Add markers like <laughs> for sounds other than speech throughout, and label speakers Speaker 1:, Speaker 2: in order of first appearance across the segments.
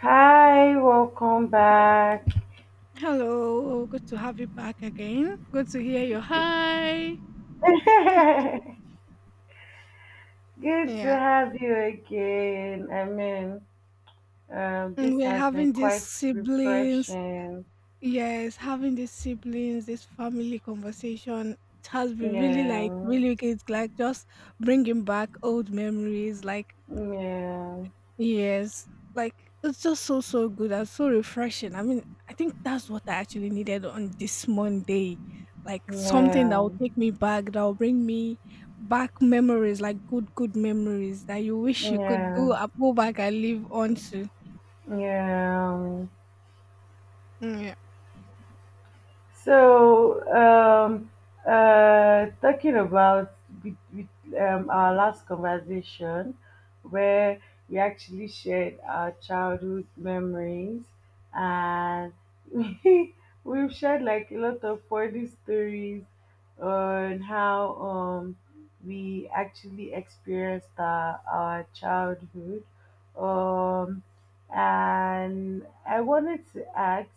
Speaker 1: Hi, welcome back. <laughs>
Speaker 2: Hello, good to have you back again. Good to hear your hi. <laughs>
Speaker 1: Good to
Speaker 2: Yeah,
Speaker 1: have you again.
Speaker 2: and
Speaker 1: This
Speaker 2: we're
Speaker 1: has been
Speaker 2: having these
Speaker 1: quite
Speaker 2: siblings.
Speaker 1: refreshing.
Speaker 2: Yes, having these siblings, this family conversation. It has been really like
Speaker 1: Yeah,
Speaker 2: really good. Like just bringing back old memories. Like
Speaker 1: yeah,
Speaker 2: yes, like it's just so so good and so refreshing. I mean, I think that's what I actually needed on this Monday. Like something that
Speaker 1: yeah,
Speaker 2: will take me back, that will bring me back memories, like good good memories that you wish you could
Speaker 1: yeah,
Speaker 2: do and go back and live on to.
Speaker 1: yeah.
Speaker 2: Yeah.
Speaker 1: So, um, Talking about with, with, our last conversation, where we actually shared our childhood memories, and <laughs> we, we've shared like a lot of funny stories on how we actually experienced our childhood. Um, and I wanted to ask.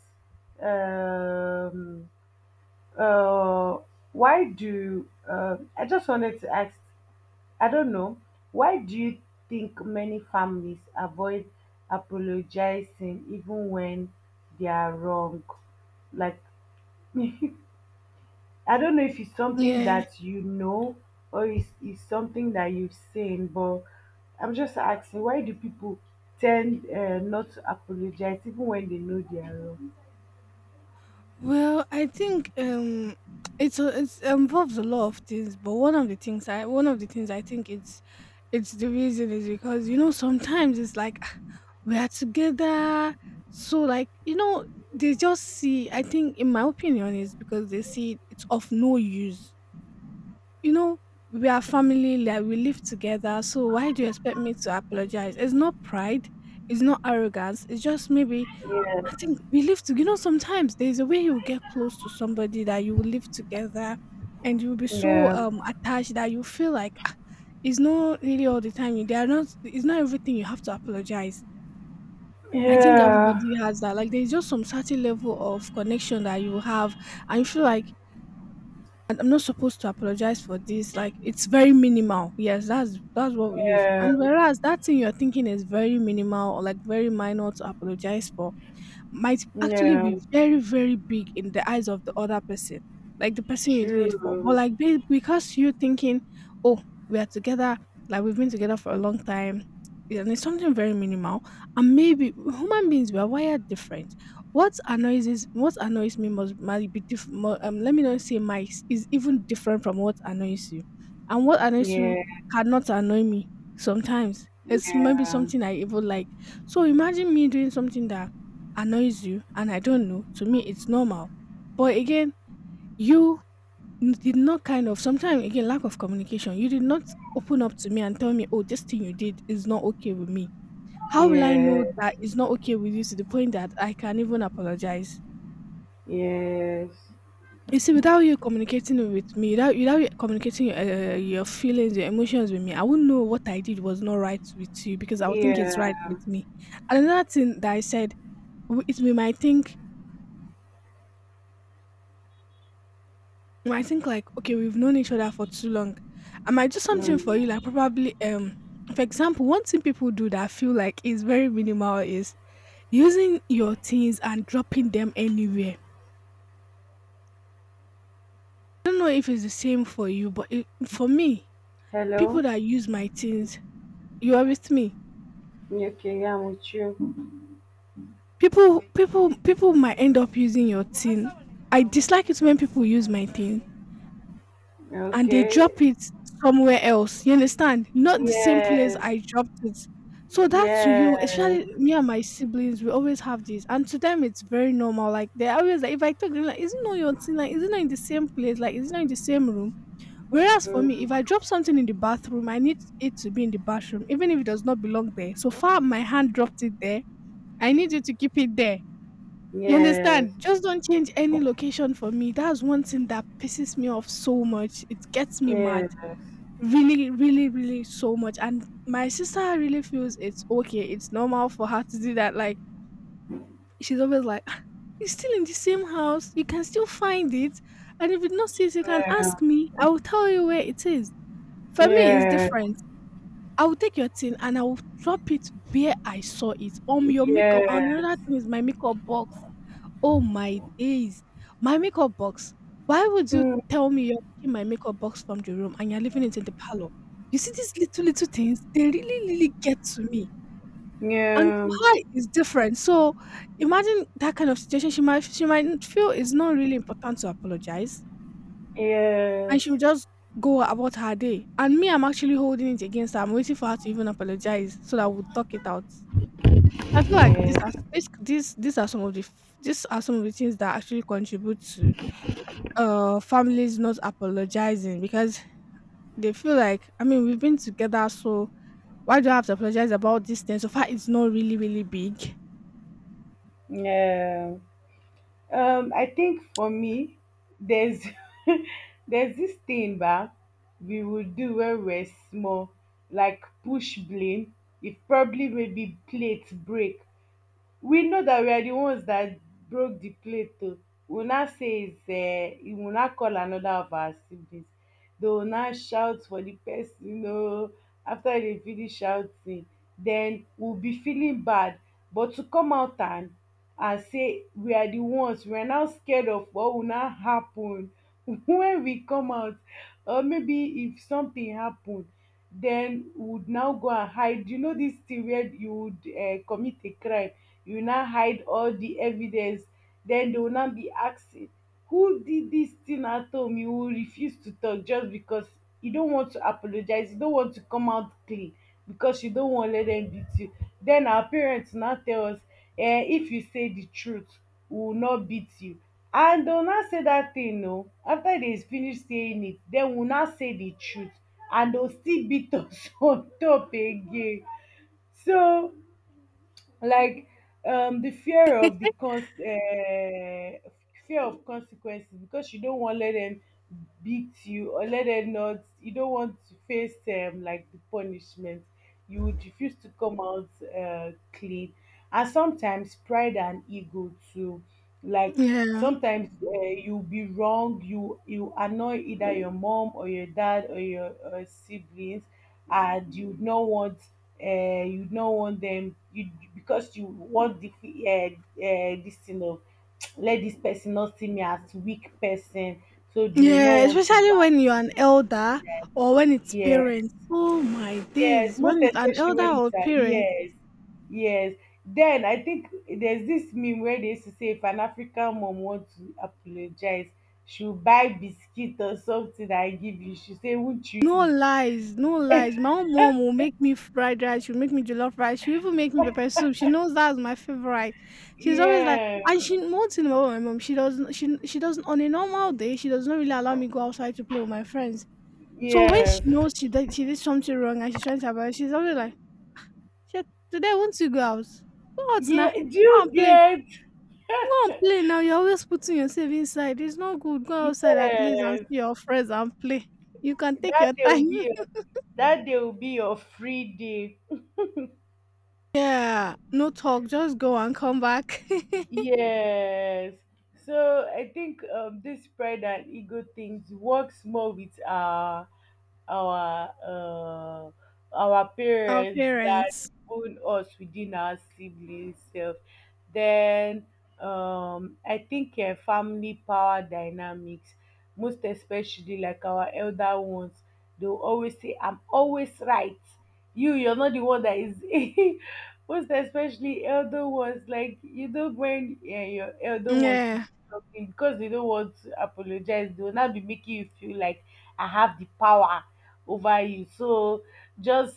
Speaker 1: Um, uh, why do I just wanted to ask? I don't know. Why do you think many families avoid apologizing even when they are wrong? Like, <laughs> I don't know if it's something
Speaker 2: Yeah.
Speaker 1: that you know or it's something that you've seen, but I'm just asking why do people tend not to apologize even when they know they are wrong?
Speaker 2: Well, I think it's a, it's involves a lot of things, but one of the things I think it's the reason is because you know sometimes it's like, "Ah, we are together, so like you know they just see." I think in my opinion is because they see it's of no use. You know we are family, like we live together, so why do you expect me to apologize? It's not pride, it's not arrogance, it's just maybe
Speaker 1: Yes.
Speaker 2: I think we live to you know, sometimes there's a way you get close to somebody that you will live together and you'll be so
Speaker 1: Yeah.
Speaker 2: attached that you feel like ah, it's not really all the time you they are not it's not everything you have to apologize. I think
Speaker 1: Yeah.
Speaker 2: everybody has that. Like there's just some certain level of connection that you have and you feel like, "And I'm not supposed to apologize for this. Like it's very minimal." Yes, that's what we use.
Speaker 1: Yeah.
Speaker 2: And whereas that thing you're thinking is very minimal or like very minor to apologize for, might actually
Speaker 1: Yeah,
Speaker 2: be very, very big in the eyes of the other person, like the person you did it for. But
Speaker 1: true.
Speaker 2: like because you thinking, oh, we are together, like we've been together for a long time, and it's something very minimal. And maybe human beings we are wired different. What annoys me must might be different. Let me not say my is even different from what annoys you, and what annoys you
Speaker 1: Yeah,
Speaker 2: cannot annoy me sometimes. It's maybe
Speaker 1: yeah,
Speaker 2: something I even like. So imagine me doing something that annoys you and I don't know, to me it's normal. But again, you did not kind of sometimes again lack of communication. You did not open up to me and tell me, oh, this thing you did is not okay with me. How will I know
Speaker 1: yeah,
Speaker 2: that it's not okay with you to the point that I can even apologize?
Speaker 1: yes,
Speaker 2: You see, without you communicating it with me, without you communicating your feelings, your emotions with me, I wouldn't know what I did was not right with you because I would think it's right
Speaker 1: yeah.
Speaker 2: with me. And another thing that I said, w- it we might think, well, I think like okay, we've known each other for too long. I might do something for you, like
Speaker 1: Mm.
Speaker 2: probably for example, one thing people do that I feel like is very minimal is using your things and dropping them anywhere. I don't know if it's the same for you, but it, for me, people
Speaker 1: Hello?
Speaker 2: that use my things, you are with me.
Speaker 1: Okay, yeah, I'm with you.
Speaker 2: People might end up using your thing. I dislike it when people use my thing and they
Speaker 1: Okay.
Speaker 2: drop it somewhere else. You understand? Not the same place
Speaker 1: Yes,
Speaker 2: I dropped it. So that to you,
Speaker 1: yes,
Speaker 2: especially me and my siblings, we always have this, and to them it's very normal. Like they're always like, if I talk, they're like, is it not your thing? Like, is it not in the same place? Like, is it not in the same room? Whereas for me,
Speaker 1: mm,
Speaker 2: if I drop something in the bathroom, I need it to be in the bathroom, even if it does not belong there. So far, my hand dropped it there. I need you to keep it there. You
Speaker 1: yes,
Speaker 2: understand? Just don't change any location for me. That's one thing that pisses me off so much. It gets me mad
Speaker 1: yes, yeah,
Speaker 2: really so much, and my sister really feels it's okay, it's normal for her to do that. Like she's always like, "Ah, it's still in the same house, you can still find it, and if you don't see it you can ask me, I will tell you where it is." For me it's
Speaker 1: yeah, yes,
Speaker 2: different. I will take your thing and I will drop it where I saw it. Your makeup, and another thing is my makeup box. Oh my days. My makeup box. Why would you
Speaker 1: mm,
Speaker 2: tell me you're taking my makeup box from the room and you're leaving it in the parlor? You see these little, little things, they really, really get to me. And
Speaker 1: yeah,
Speaker 2: to her is different. So imagine that kind of situation. She might feel it's not really important to apologize. And
Speaker 1: yes,
Speaker 2: she will just go about her day. And me, I'm actually holding it against her. I'm waiting for her to even apologize so that we'll talk it out. I feel like these are
Speaker 1: yes,
Speaker 2: this these these are some of the these are some of the things that actually contribute to families not apologizing because they feel like I mean we've been together, so why do I have to apologize about this thing? So far it's not really really big.
Speaker 1: yeah. I think for me, there's <laughs> there's this thing back we would do when we're small, like push blame. If probably maybe plates break, we know that we are the ones that broke the plate oo, we will now say is we will now call another of our siblings, they will now shout for the person oo, after they finish shouting then we will be feeling bad, but to come out and say we are the ones, we are now scared of what will now happen <laughs> when we come out. Or maybe if something happen, then we would now go and hide. You know this thing where you would commit a crime, you now hide all the evidence, then they will now be asking who did this thing at home, you will refuse to talk just because you don't want to apologize, you don't want to come out clean, because you don't want to let them beat you. Then our parents now tell us eh, if you say the truth we will not beat you, and una say dat thing oo, after dey finish saying it den una say the truth and dey still beat us <laughs> on top again. So, like, the fear of the cons fear of consequences, because you don't want let them beat you, or let them not, you don't want to face like the punishment, you would refuse to come out clean. And sometimes pride and ego too, like
Speaker 2: Yeah.
Speaker 1: sometimes you'll be wrong, you annoy either your mom or your dad or your siblings, and you'd not want them, you, because you want the this thing of <tsk> let this person not see me as weak person, so you will not
Speaker 2: Yeah,
Speaker 1: want to go
Speaker 2: especially
Speaker 1: out.
Speaker 2: when you're an elder or when it's
Speaker 1: Yeah,
Speaker 2: parents. Oh my
Speaker 1: yeah,
Speaker 2: days. When
Speaker 1: most
Speaker 2: it's an
Speaker 1: especially
Speaker 2: elder
Speaker 1: when
Speaker 2: or
Speaker 1: it's a,
Speaker 2: parent,
Speaker 1: yes, yes, then I think there's this meme where they used to say if an African mom wants to apologize, she'll buy biscuit or something that I give you, she say won't
Speaker 2: no
Speaker 1: you
Speaker 2: lies, no lies. My own mom will make me fried rice, she'll make me jollof rice, she'll even make me
Speaker 1: eat.
Speaker 2: pepper soup. She knows that's my favorite.
Speaker 1: <laughs>
Speaker 2: She's always like,
Speaker 1: Yeah,
Speaker 2: and she one thing about my mom, she doesn't on a normal day, she does not really allow me go outside to play with my friends. So when she
Speaker 1: yeah.
Speaker 2: knows she did something wrong and she's trying to about, she's always like, "Shit, today won't you go out? Go out now.
Speaker 1: Yeah, do
Speaker 2: Go
Speaker 1: you
Speaker 2: and play.
Speaker 1: get?
Speaker 2: Go and play now. You're always putting yourself inside. It's not good. Go outside at least and
Speaker 1: Yes,
Speaker 2: see your friends and play. You can take
Speaker 1: that
Speaker 2: your
Speaker 1: day will
Speaker 2: time."
Speaker 1: be your, that day will be your free day.
Speaker 2: Yeah, no talk, just go and come back. <laughs>
Speaker 1: Yes. So I think this pride and ego things works more with our uh, our
Speaker 2: Our
Speaker 1: parents that
Speaker 2: parents.
Speaker 1: own us within our siblings self. Then I think family power dynamics, most especially like our elder ones, they will always say I'm always right, you you're not the one that is. <laughs> Most especially elder ones, like you don't when your elder ones to do
Speaker 2: Yeah.
Speaker 1: something because they don't want to apologize, they will not be making you feel like I have the power over you, so just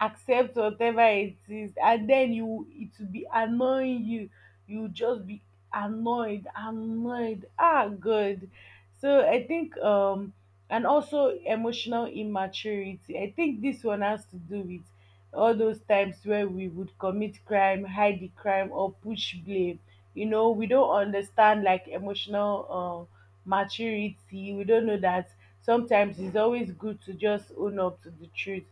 Speaker 1: accept whatever it is and then you it will be annoying you, you just be annoyed annoyed ah good. So I think and also emotional immaturity. I think this one has to do with all those times where we would commit crime, hide the crime or push blame. You know we don't understand like emotional maturity, we don't know that sometimes it's always good to just own up to the truth.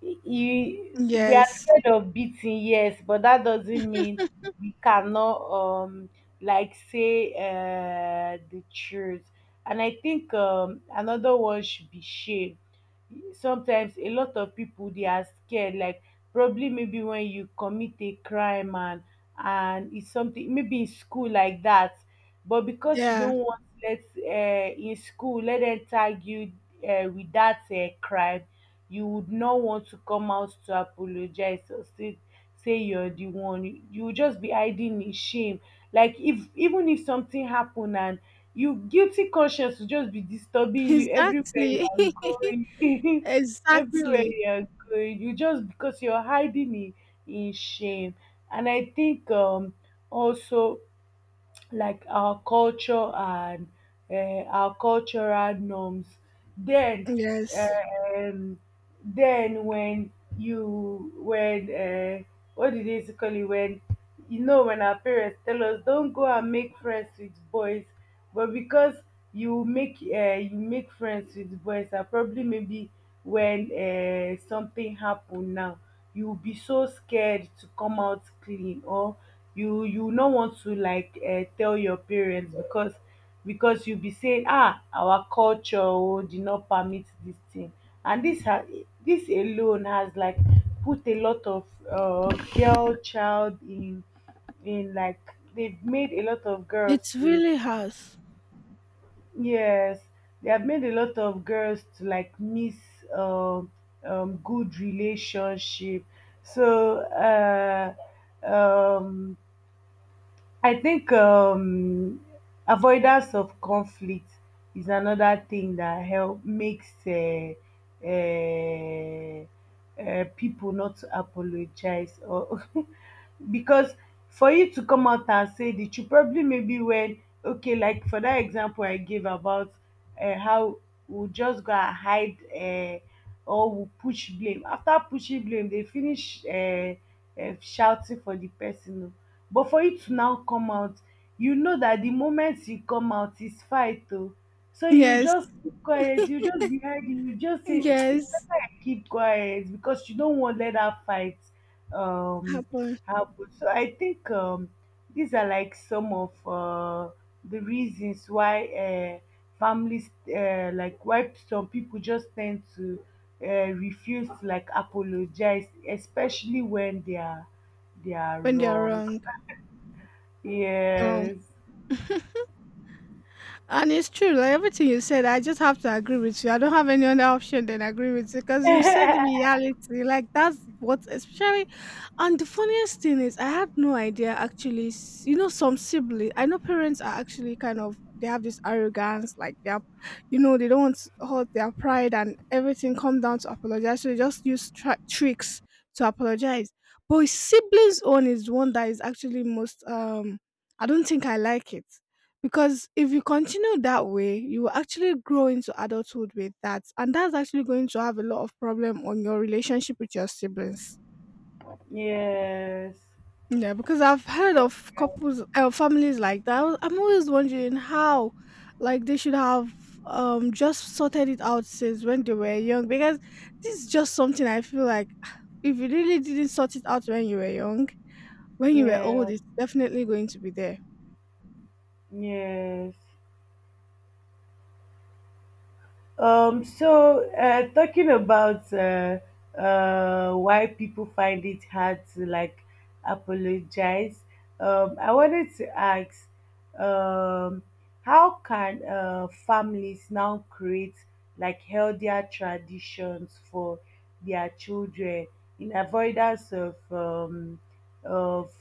Speaker 1: You, we are
Speaker 2: Yes.
Speaker 1: scared of beating, yes, but that doesn't mean we cannot like say the truth. And I think another one should be shame. Sometimes a lot of people they are scared, like probably maybe when you commit a crime and it's something maybe in school like that, but because you
Speaker 2: Yeah.
Speaker 1: don't want let in school let them tag you with that crime, you would not want to come out to apologize or say you're the one, you will just be hiding in shame. Like if even if something happen and you guilty conscience will just be disturbing
Speaker 2: <laughs>
Speaker 1: you everywhere you
Speaker 2: Exactly.
Speaker 1: are
Speaker 2: <laughs>
Speaker 1: going, <laughs> everywhere
Speaker 2: Exactly.
Speaker 1: you are going you just because you're hiding in shame. And I think also like our culture and our cultural norms. Then
Speaker 2: Yes.
Speaker 1: um when you when what did they used to call it, when you know when our parents tell us don't go and make friends with boys, but because you make friends with boys and probably maybe when something happen now, you will be so scared to come out clean, or you no want to like tell your parents because you be saying ah, our culture o did not permit this thing. And this alone has like put a lot of girl child in like, they've made a lot of girls
Speaker 2: It
Speaker 1: to,
Speaker 2: really has.
Speaker 1: yes, they have made a lot of girls to like miss um, good relationship. So um I think avoidance of conflict is another thing that help makes uh, people not to apologize, or <laughs> because for you to come out and say that, you probably maybe when okay, like for that example I gave about how we'll just go and hide or we'll push blame, after pushing blame they finish shouting for the person, but for you to now come out, you know that the moment you come out is fight though, so you
Speaker 2: Yes.
Speaker 1: just keep quiet, you just be hiding, you just say "Mm, it's better
Speaker 2: Yes.
Speaker 1: I keep quiet," because you don't want let that fight um
Speaker 2: Happen
Speaker 1: happen. So I think these are like some of the reasons why families like why some people just tend to refuse to like apologize, especially when they are, they are
Speaker 2: when they are
Speaker 1: wrong.
Speaker 2: wrong. Oh.
Speaker 1: Yes.
Speaker 2: And it's true, like everything you said, I just have to agree with you. I don't have any other option than agree with you because you've said the reality. Like that's what, especially. And the funniest thing is, I had no idea actually. You know, some siblings. I know parents are actually kind of they have this arrogance, like they are, you know, they don't want to hurt their pride and everything. Come down to apologize, so they just use tricks to apologize. But his siblings' own is the one that is actually most. I don't think I like it because if you continue that way, you will actually grow into adulthood with that. And that's actually going to have a lot of problem on your relationship with your siblings.
Speaker 1: Yes.
Speaker 2: Yeah, because I've heard of
Speaker 1: Yeah.
Speaker 2: couples families like that. I'm always wondering how like they should have just sorted it out since when they were young because this is just something I feel like <sighs> if you really didn't sort it out when you were young, when you were old,
Speaker 1: Yeah.
Speaker 2: it's definitely going to be there.
Speaker 1: Yes. So talking about why people find it hard to like apologize, I wanted to ask, um, how can families now create like healthier traditions for their children in avoidance of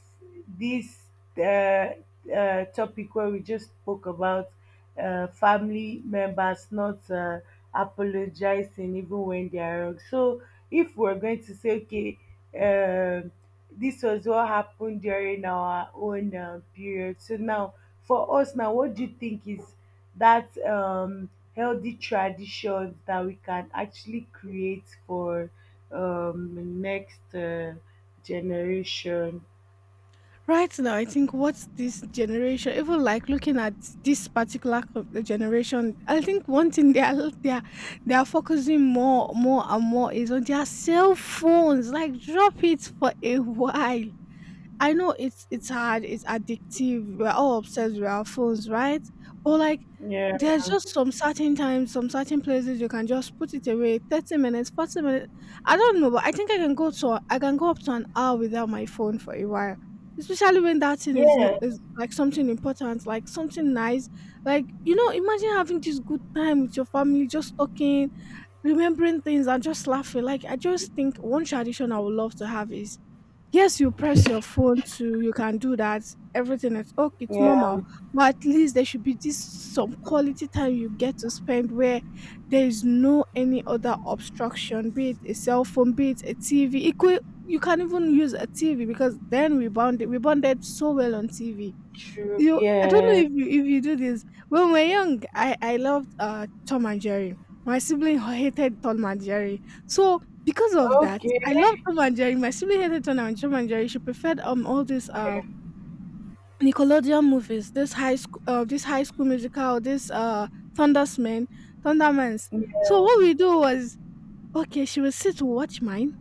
Speaker 1: this uh, topic where we just spoke about family members not apologizing even when they are wrong. So if we're going to say, okay, um this was what happened during our own period. So now, for us now, what do you think is that healthy traditions that we can actually create for next generation?
Speaker 2: Right now, I think what's this generation, even like looking at this particular generation, I think one thing they are focusing more, more and more is on their cell phones. Like, drop it for a <laughs> while. I know it's hard, it's addictive. We're all obsessed with our phones, right? But like
Speaker 1: Yeah,
Speaker 2: there's just some certain times, some certain places you can just put it away. 30 minutes, 40 minutes. I don't know, but I think I can go up to an hour without my phone for a while. Especially when that thing is no,
Speaker 1: yeah,
Speaker 2: is like something important, like something nice. Like, you know, imagine having this good time with your family, just talking, remembering things and just laughing. Like I just think one tradition I would love to have is yes, you press your phone too. You can do that. Everything is okay. It's normal,
Speaker 1: yeah,
Speaker 2: but at least there should be this some quality time you get to spend where there is no any other obstruction, be it a cell phone, be it a TV. It could, you can even use a TV because then we bonded so well on TV.
Speaker 1: true.
Speaker 2: You, I don't know
Speaker 1: Yeah,
Speaker 2: if you do this. When we were young, I loved Tom and Jerry. My sibling hated Tom and Jerry. So because of that,
Speaker 1: okay.
Speaker 2: I loved Tom and Jerry. My sibling hated Tom and Jerry. She preferred all these Nickelodeon movies, this high school musical, this Thundersman, Thundermans. So what
Speaker 1: Yeah.
Speaker 2: we do was okay, she would sit to watch mine.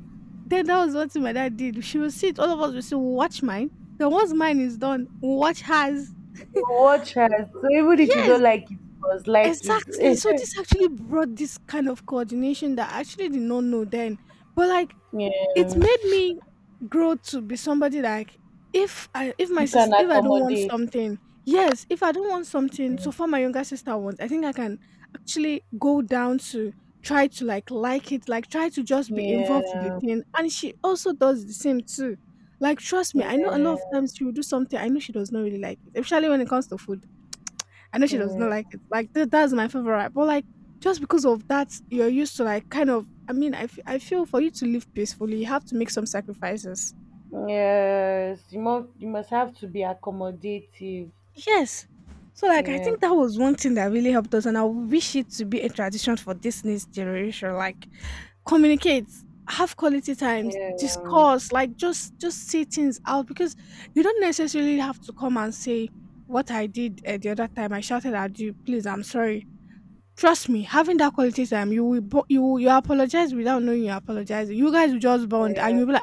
Speaker 2: Then that was what my dad did. She would sit, all of us would sit, we'll watch mine. Then once mine is done, we'll watch hers. <laughs>
Speaker 1: Watch us. So even if you
Speaker 2: Yes.
Speaker 1: don't like it, you must like it.
Speaker 2: Exactly. So
Speaker 1: <laughs>
Speaker 2: this actually brought this kind of coordination that I actually did not know then. But like it
Speaker 1: Yeah,
Speaker 2: made me grow to be somebody like if my
Speaker 1: you can
Speaker 2: sister if I don't want
Speaker 1: accommodate.
Speaker 2: something, yes, if I don't want something,
Speaker 1: Yeah,
Speaker 2: so far my younger sister wants, I think I can actually go down to try to like it, like try to just be involved with the thing. And she also does the same too. Like trust me, I know a lot of
Speaker 1: yeah,
Speaker 2: times she will do something I know she does not really like it, especially when it comes to food I know she does
Speaker 1: yeah.
Speaker 2: not like it. Like that's my favorite. But like just because of that, you're used to like kind of. I mean, I feel for you to live peacefully, you have to make some sacrifices.
Speaker 1: Yes, you must, you must have to be accommodative.
Speaker 2: Yes. So like I
Speaker 1: Yeah,
Speaker 2: think that was one thing that really helped us, and I wish it to be a tradition for this next generation. Like communicate, have quality times,
Speaker 1: yeah,
Speaker 2: discuss, like just say things out because you don't necessarily have to come and say what I did the other time. I shouted at you. Please, I'm sorry. Trust me, having that quality time, you will you apologize without knowing you apologize. You guys will just bond, and
Speaker 1: yeah,
Speaker 2: you'll be like,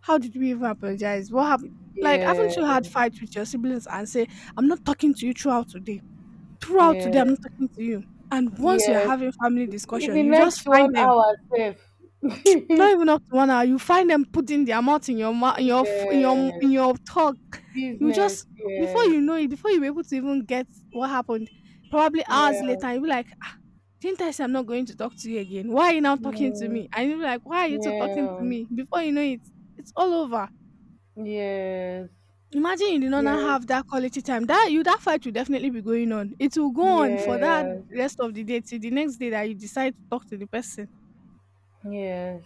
Speaker 2: "How did we even apologize? What happened?" Like,
Speaker 1: yeah,
Speaker 2: haven't you had fights with your siblings and say, "I'm not talking to you throughout today. Throughout today, I'm
Speaker 1: yeah.
Speaker 2: not talking to you." And once you're
Speaker 1: Yes.
Speaker 2: having family
Speaker 1: In
Speaker 2: discussion,
Speaker 1: the
Speaker 2: you just
Speaker 1: next
Speaker 2: find
Speaker 1: one
Speaker 2: them
Speaker 1: hour, safe. <laughs>
Speaker 2: not even up to one hour, you find them putting their mouth in your mouth,
Speaker 1: Yeah.
Speaker 2: in your talk. You
Speaker 1: Business.
Speaker 2: just Before
Speaker 1: Yes.
Speaker 2: you know it, before you're able to even get what happened, probably hours
Speaker 1: Yeah.
Speaker 2: later, you'll be like, "Ah, didn't I say I'm not going to talk to you again? Why are you now talking to
Speaker 1: Mm.
Speaker 2: me?" And you'll be like, "Why are you two talking to
Speaker 1: Yeah.
Speaker 2: me?" Before you know it, it's all over.
Speaker 1: Yes.
Speaker 2: Imagine you did not now
Speaker 1: Yes.
Speaker 2: have that quality time. That you that fight will definitely be going on. It will go on for that
Speaker 1: Yes,
Speaker 2: rest of the day till the next day that you decide to talk to the person.
Speaker 1: yes.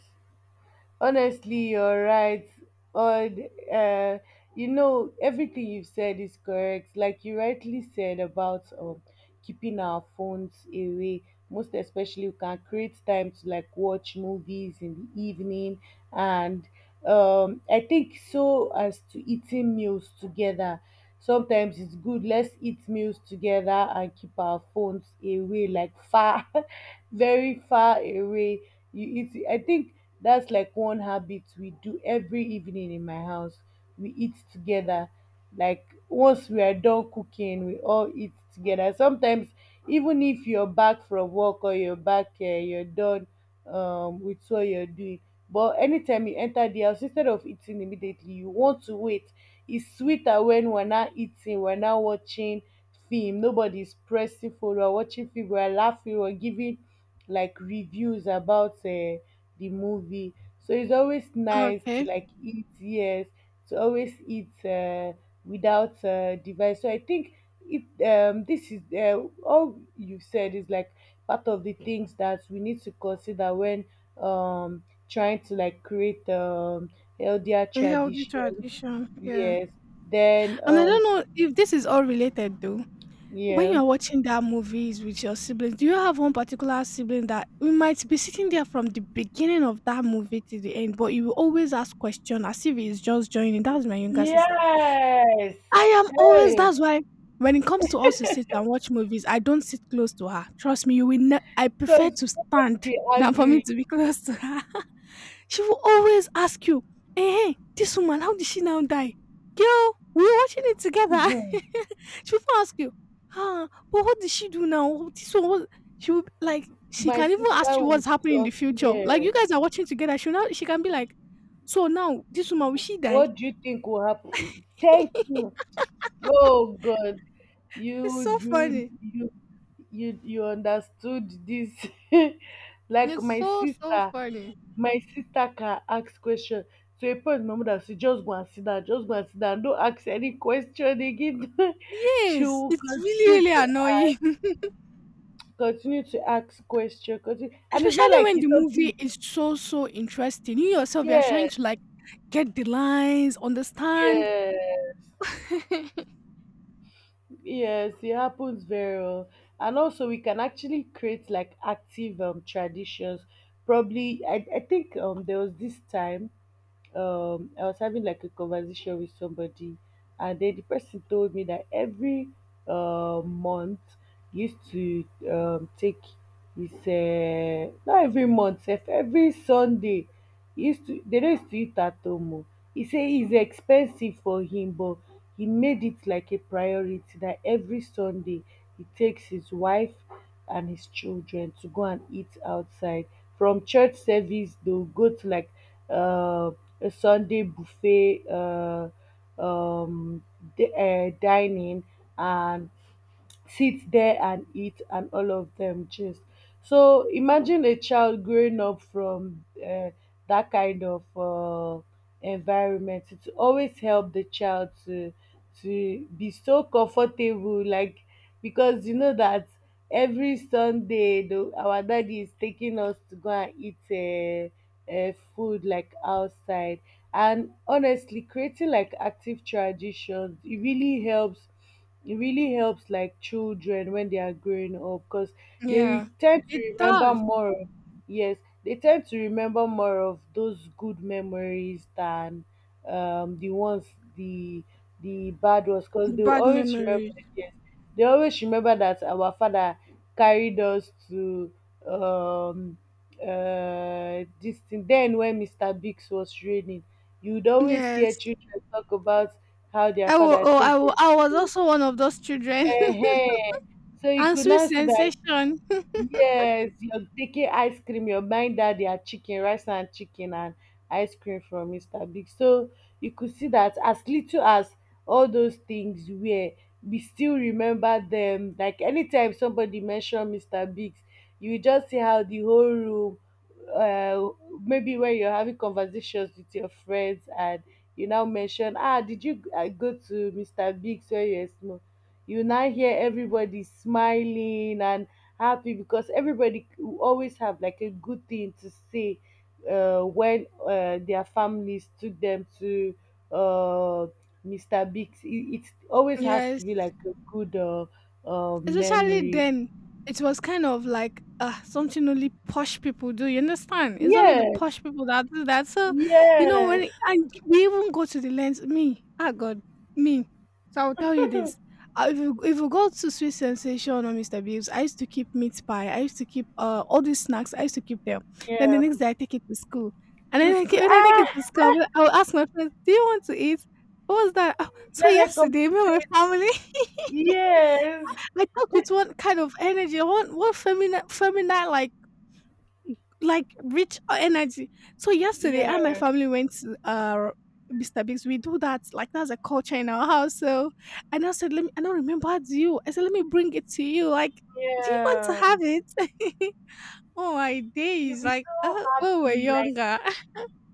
Speaker 1: Honestly, you're right. On, uh, you know, everything you've said is correct. Like you rightly said about keeping our phones away. Most especially, we can create time to like watch movies in the evening, and I think so as to eating meals together. Sometimes it's good. Let's eat meals together and keep our phones away, like far, <laughs> very far away, you eat. I think that's like one habit we do every evening in my house, we eat together, like once we are done cooking we all eat together. Sometimes, even if you're back from work or you're back you're done with what you're doing, but anytime you enter the house, instead of eating immediately you want to wait, it's sweeter. When we're not eating we're not watching film, nobody's pressing for. We're watching film, we're laughing, we're giving like reviews about the movie. So it's always nice to
Speaker 2: Okay.
Speaker 1: like eat, yes, to always eat without device. So I think it this is all you said is like part of the things that we need to consider when trying to like create healthier
Speaker 2: A healthy
Speaker 1: traditions.
Speaker 2: tradition, yeah.
Speaker 1: Yes. Then
Speaker 2: And I don't know if this is all related though. When
Speaker 1: yeah.
Speaker 2: you're watching that movies with your siblings, do you have one particular sibling that we might be sitting there from the beginning of that movie to the end, but you will always ask question as if he's just joining? That's my younger sister.
Speaker 1: Yes.
Speaker 2: I am always
Speaker 1: Hey,
Speaker 2: that's why when it comes to us to sit and watch movies, I don't sit close to her. Trust me, I prefer
Speaker 1: because
Speaker 2: to stand
Speaker 1: be
Speaker 2: than for me
Speaker 1: angry.
Speaker 2: to be <laughs> close to her. <laughs> She will always ask you, hey, this woman, how did she now die? Girl, we were watching it together. <laughs> She will ask you, huh, but what did she do now? This one was She will like she
Speaker 1: My
Speaker 2: can even ask
Speaker 1: sister
Speaker 2: you
Speaker 1: would
Speaker 2: what's happening in the
Speaker 1: talk,
Speaker 2: future. Like
Speaker 1: yes.
Speaker 2: you guys are watching together. She can be like, so now this woman will she die?
Speaker 1: What do you think will happen? Thank you. Oh God,
Speaker 2: It's
Speaker 1: you
Speaker 2: so
Speaker 1: you
Speaker 2: funny.
Speaker 1: you you you understood this. <laughs> Like
Speaker 2: It's so, so funny.
Speaker 1: my sister can ask question. So a point my mother say just go and sit down, just go and sit down. Don't ask any question again. <laughs> She
Speaker 2: Yes,
Speaker 1: will
Speaker 2: it's really,
Speaker 1: continue
Speaker 2: really
Speaker 1: to
Speaker 2: annoying.
Speaker 1: continue to ask question, continue.
Speaker 2: <laughs>
Speaker 1: And it's not
Speaker 2: Especially
Speaker 1: like
Speaker 2: when the
Speaker 1: it's something.
Speaker 2: movie is so, so interesting. You yourself, you're
Speaker 1: Yeah,
Speaker 2: trying to like get the lines, understand.
Speaker 1: yeah.
Speaker 2: <laughs>
Speaker 1: Yes, it happens very well. And also we can actually create like active traditions. Probably I think there was this time I was having like a conversation with somebody, and then the person told me that every month he used to take his not every month, sef, every Sunday he used to, they don't used to eat at home. Oh. He said it's expensive for him, but he made it like a priority that every Sunday he takes his wife and his children to go and eat outside. From church service, they'll go to like uh, a Sunday buffet um, dining, and sit there and eat and all of them just. So imagine a child growing up from that kind of environment, it always help the child to be so comfortable, like because you know that every Sunday the, our daddy is taking us to go and eat food like outside. And honestly creating like active traditions, it really helps, it really helps like children when they are growing up because they
Speaker 2: Yeah,
Speaker 1: tend to
Speaker 2: it
Speaker 1: remember
Speaker 2: does.
Speaker 1: more of, yes, they tend to remember more of those good memories than the ones, the the bad ones, because
Speaker 2: The
Speaker 1: they will
Speaker 2: bad
Speaker 1: always remember,
Speaker 2: memories.
Speaker 1: yes, they always remember that our father carried us to um this thing. Then when Mr. Biggs was reigning, you would always hear
Speaker 2: Yes.
Speaker 1: children talk about how their father
Speaker 2: I
Speaker 1: take
Speaker 2: will,
Speaker 1: them
Speaker 2: I was
Speaker 1: to,
Speaker 2: also one of those children. <laughs>
Speaker 1: ehen. So you
Speaker 2: And
Speaker 1: could
Speaker 2: sweet
Speaker 1: now see that.
Speaker 2: sensation.
Speaker 1: Yes, you're taking ice cream, you're buying that their chicken, rice and chicken and ice cream from Mr. Big. So you could see that as little as all those things were, we still remember them. Like anytime somebody mention Mr. Big's, you will just see how the whole room uh maybe when you're having conversations with your friends and you now mention, ah, did you go to Mr. Big's when you're small, you now hear everybody smiling and happy, because everybody will always have like a good thing to say when their families took them to uh, Mr. Biggs. It always has to
Speaker 2: Yes,
Speaker 1: be like a good
Speaker 2: especially
Speaker 1: memory.
Speaker 2: then, it was kind of like something only posh people do. You understand? It's only the
Speaker 1: Yes,
Speaker 2: posh people that do that. So, you know,
Speaker 1: yes,
Speaker 2: and we even go to the lens, me, ah, God, me. So I'll tell you this: if you go to Sweet Sensation or Mr. Bibbs, I used to keep meat pie. I used to keep all these snacks. I used to keep them. Then the
Speaker 1: yeah.
Speaker 2: next day, I take it to school, and
Speaker 1: To
Speaker 2: then
Speaker 1: school.
Speaker 2: when I take
Speaker 1: Ah,
Speaker 2: it to school, I'll ask my friends, "Do you want to eat?" What was that? Oh, so
Speaker 1: let her come.
Speaker 2: yesterday, me and my family.
Speaker 1: Yes,
Speaker 2: I talk with one kind of energy, one feminine like rich energy. So yesterday, I and my
Speaker 1: yes,
Speaker 2: family went to Mr. Biggs. We do that like that's a culture in our house. So and I said, let me. I don't remember how do you. I said, let me bring it to you. Like, do you want to
Speaker 1: yeah.
Speaker 2: have it? <laughs> Oh my
Speaker 1: You'll
Speaker 2: days!
Speaker 1: be
Speaker 2: Like,
Speaker 1: so
Speaker 2: oh, we're
Speaker 1: happy, like.
Speaker 2: younger.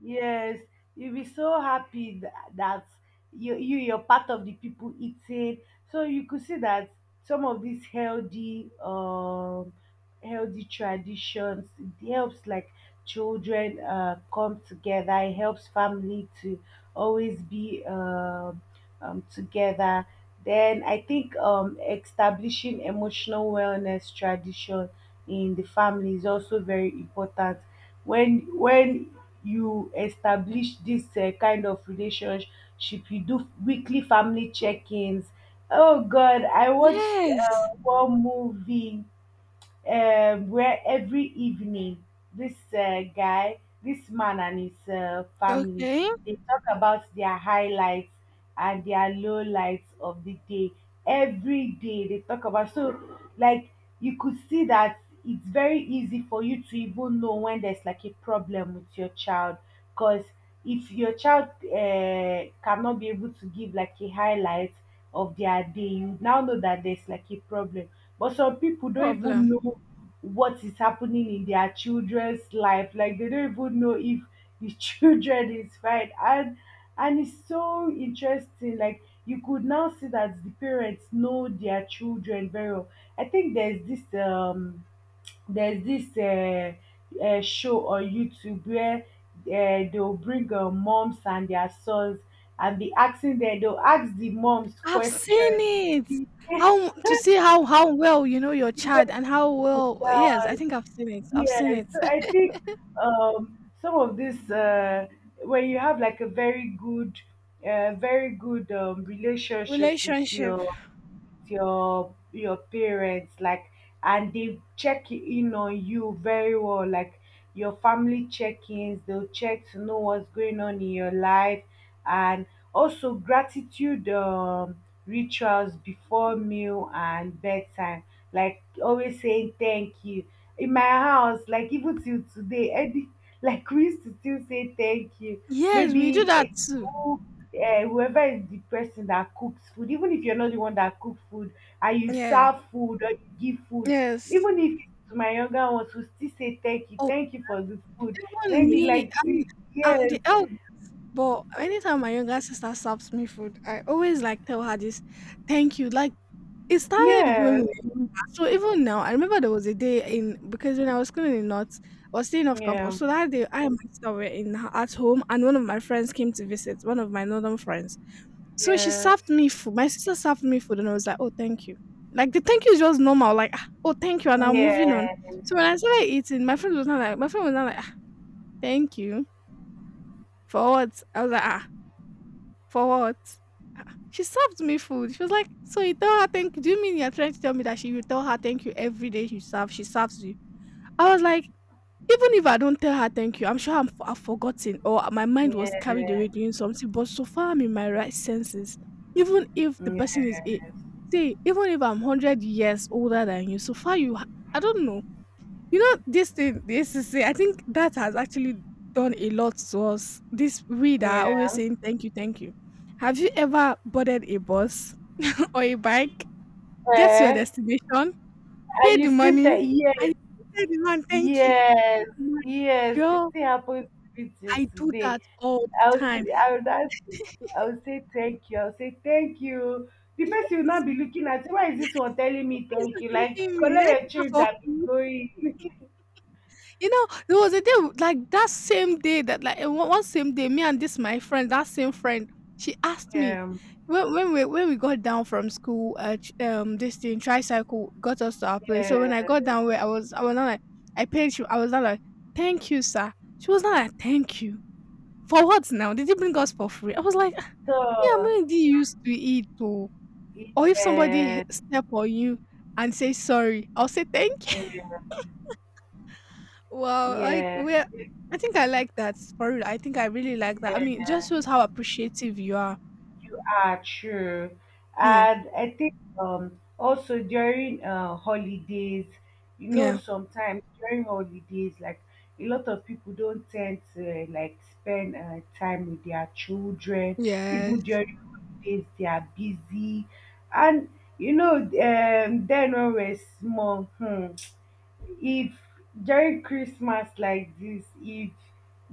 Speaker 1: Yes, you'll be so happy that you're part of the people eating. So you could see that some of these healthy healthy traditions, it helps like children come together, it helps family to always be together. Then I think establishing emotional wellness tradition in the family is also very important. When you establish this kind of relationship, you do weekly family check-ins. Oh God, I
Speaker 2: <laughs>
Speaker 1: watched
Speaker 2: Yes.
Speaker 1: one movie where every evening this guy, this man and his family,
Speaker 2: Okay.
Speaker 1: they talk about their highlights and their lowlights of the day. Every day they talk about, so like you could see that it's very easy for you to even know when there's like a problem with your child, because if your child cannot be able to give like a highlight of their day, you now know that there's like a problem. But some people don't even
Speaker 2: Problem.
Speaker 1: know what is happening in their children's life. Like they don't even know if the <laughs> children is fine. And it's so interesting. Like you could now see that the parents know their children very well. I think there's this there's this uh, show on YouTube where they'll bring moms and their sons and be asking them, they'll ask the moms
Speaker 2: I've seen
Speaker 1: question.
Speaker 2: it.
Speaker 1: <laughs>
Speaker 2: How to see how well you know your
Speaker 1: You were.
Speaker 2: child and how
Speaker 1: Good.
Speaker 2: well yes, I think I've seen it. I've seen
Speaker 1: Yes,
Speaker 2: it.
Speaker 1: so I
Speaker 2: <laughs>
Speaker 1: think some of this, when you have like a very good, very good relationship with
Speaker 2: Relationship.
Speaker 1: your parents, like, and they check in on you very well, like your family check-ins. They'll check to know what's going on in your life, and also gratitude rituals before meal and bedtime, like always saying thank you. In my house, like even till today, any, like we used to still say thank you.
Speaker 2: Yes, we do
Speaker 1: Maybe
Speaker 2: that too.
Speaker 1: who- whoever is the person that cooks food, even if you're not the one that cook food and you
Speaker 2: Yeah.
Speaker 1: serve food or you give food,
Speaker 2: Yes.
Speaker 1: even if it's to my younger ones, who still say thank you,
Speaker 2: Oh,
Speaker 1: thank you for the food,
Speaker 2: even
Speaker 1: thank you,
Speaker 2: me,
Speaker 1: like
Speaker 2: I mean,
Speaker 1: the,
Speaker 2: I'm
Speaker 1: yes,
Speaker 2: the elder, but anytime my younger sister serves me food, I always like tell her this, thank you. Like it started
Speaker 1: yes,
Speaker 2: blooming. So even now, I remember there was a day in because when I was schooling in North, I was staying off
Speaker 1: yeah,
Speaker 2: campus. So that day, I and my sister were in at home, and one of my friends came to visit. One of my northern friends. So she
Speaker 1: yes,
Speaker 2: served me food. My sister served me food, and I was like, "Oh, thank you." Like the thank you is just normal. Like, "Oh, thank you," and I'm moving on.
Speaker 1: yeah,
Speaker 2: So when I started eating, my friend was not like, "Ah, thank you for what?" I was like, "Ah, for what? Ah," she served me food. She was like, so you tell her thank you. Do you mean you're trying to tell me that she you tell her thank you every day you serve? She serves you. I was like, even if I don't tell her thank you, I'm sure I've forgotten or my mind
Speaker 1: yeah,
Speaker 2: was carried away doing something. But so far, I'm in my right senses. Even if the
Speaker 1: yeah,
Speaker 2: person is eight, see, even if I'm 100 years older than you, so far you, ha- I don't know, you know, this thing, the ACC, I think that has actually done a lot to us. This we that are always
Speaker 1: yeah.
Speaker 2: saying thank you, thank you. Have you ever boarded a bus <laughs> or a bike, get to your
Speaker 1: Eh,
Speaker 2: destination,
Speaker 1: are
Speaker 2: pay
Speaker 1: you
Speaker 2: the
Speaker 1: still
Speaker 2: money,
Speaker 1: there?
Speaker 2: and you tell the man thank you?
Speaker 1: Yes,
Speaker 2: My
Speaker 1: yes, it
Speaker 2: girl,
Speaker 1: still happens with you
Speaker 2: I do
Speaker 1: today.
Speaker 2: that all the
Speaker 1: I will
Speaker 2: time.
Speaker 1: say, I will not, I will say thank you. I will say thank you. The
Speaker 2: Yes,
Speaker 1: person will not be looking at you. Why is this one telling me
Speaker 2: why is
Speaker 1: thank
Speaker 2: not
Speaker 1: you? Like
Speaker 2: thanking me?
Speaker 1: color
Speaker 2: Did I
Speaker 1: your
Speaker 2: do that
Speaker 1: change
Speaker 2: for
Speaker 1: and be
Speaker 2: free?
Speaker 1: going.
Speaker 2: You know, there was a day w like, that same day that, like, one same day, me and this my friend, that same friend, she asked me
Speaker 1: Um,
Speaker 2: when we got down from school, ch this thing, tricycle got us to our place. So when I
Speaker 1: yeah.
Speaker 2: got down where I was not like I paid she I was not like, "Thank you, sir." She was not like, "Thank you." For what now? Did you bring us for free? I was like, "Ah, me, I'm
Speaker 1: So
Speaker 2: already used to it oh." Or if somebody
Speaker 1: yeah,
Speaker 2: h step on you and say sorry, I'll say, "Thank you." Well, like
Speaker 1: yeah,
Speaker 2: we're I think I like that for real. I think I really like that. I
Speaker 1: yeah.
Speaker 2: mean, it just shows how appreciative you are.
Speaker 1: You are true.
Speaker 2: Yeah.
Speaker 1: And I think also during holidays, you know,
Speaker 2: Yeah.
Speaker 1: sometimes during holidays, like a lot of people don't tend to like spend time with their children. Even
Speaker 2: Yes.
Speaker 1: during holidays, they are busy. And you know, then when we're small, hmm, if during Christmas like this, if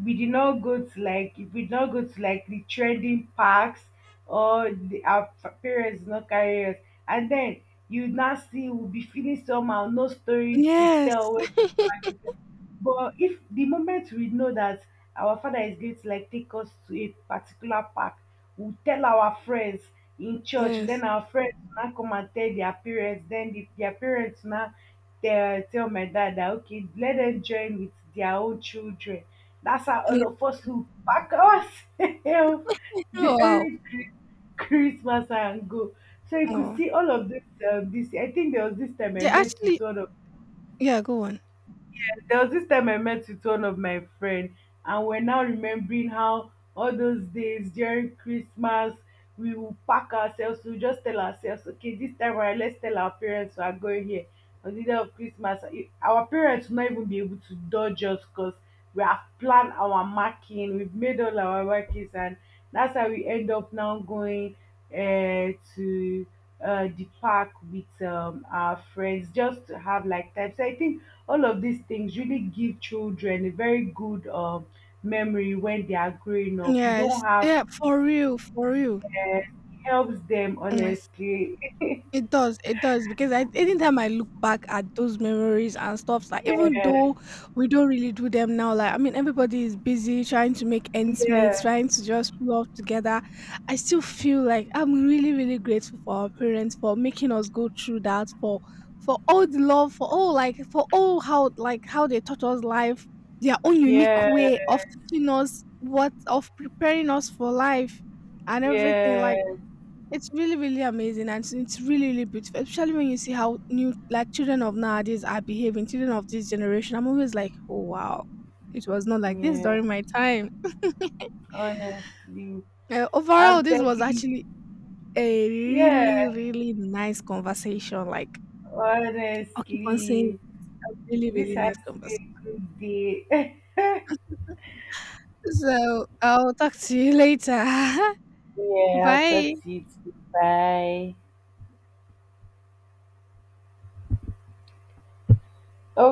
Speaker 1: we did not go to like if we did not go to like the trending parks or the, our parents did not carry us, and then you now see we'll be feeling somehow, no story to
Speaker 2: Yes.
Speaker 1: tell. When, but if the moment we know that our father is going to like take us to a particular park, we'll tell our friends in church, then
Speaker 2: Yes.
Speaker 1: our friends will now come and tell their parents, then the, their parents now tell my dad that okay, let them join with their own children. That's how
Speaker 2: Yeah.
Speaker 1: all of us will pack us <laughs>
Speaker 2: Oh, wow.
Speaker 1: during Christmas and go. So you could
Speaker 2: Oh.
Speaker 1: see all of this. I think there was this time I
Speaker 2: They
Speaker 1: met with
Speaker 2: actually
Speaker 1: one of,
Speaker 2: yeah, go on.
Speaker 1: there was this time I met with one of my friend, and we're now remembering how all those days during Christmas we will pack ourselves. We will just tell ourselves, okay, this time around, let's tell our parents we are going here on the day of Christmas, our parents will not even be able to dodge us because we have planned our marking, we've made all our markings, and that's how we end up now going to the park with our friends just to have like time. So I think all of these things really give children a very good memory when they are growing up. You don't
Speaker 2: Yes.
Speaker 1: have
Speaker 2: Yeah, for real, for real.
Speaker 1: uh, helps them
Speaker 2: Yes.
Speaker 1: honestly.
Speaker 2: It does because I anytime I look back at those memories and stuff, like even
Speaker 1: Yes,
Speaker 2: though we don't really do them now, like I mean everybody is busy trying to make ends meet,
Speaker 1: yes,
Speaker 2: trying to just pull off together. I still feel like I'm really, really grateful for our parents for making us go through that, for all the love, for all like for all how like how they taught us life, their own unique
Speaker 1: yes,
Speaker 2: way of teaching us what of preparing us for life and everything. Like
Speaker 1: yes.
Speaker 2: it's really, really amazing and it's really, really beautiful, especially when you see how new like children of nowadays are behaving, children of this generation. I'm always like, oh wow, it was not like this
Speaker 1: Yeah,
Speaker 2: during my time.
Speaker 1: honestly,
Speaker 2: Overall,
Speaker 1: I'm
Speaker 2: this was
Speaker 1: telling,
Speaker 2: actually a really,
Speaker 1: yeah,
Speaker 2: really nice conversation. Like I'll keep on saying,
Speaker 1: honestly,
Speaker 2: really,
Speaker 1: this
Speaker 2: really
Speaker 1: has
Speaker 2: nice
Speaker 1: to be
Speaker 2: conversation.
Speaker 1: a good day.
Speaker 2: So I'll talk to you later.
Speaker 1: <laughs>
Speaker 2: <laughs>
Speaker 1: Yeah, I'll
Speaker 2: Bye.
Speaker 1: talk to you too. Bye. Okay.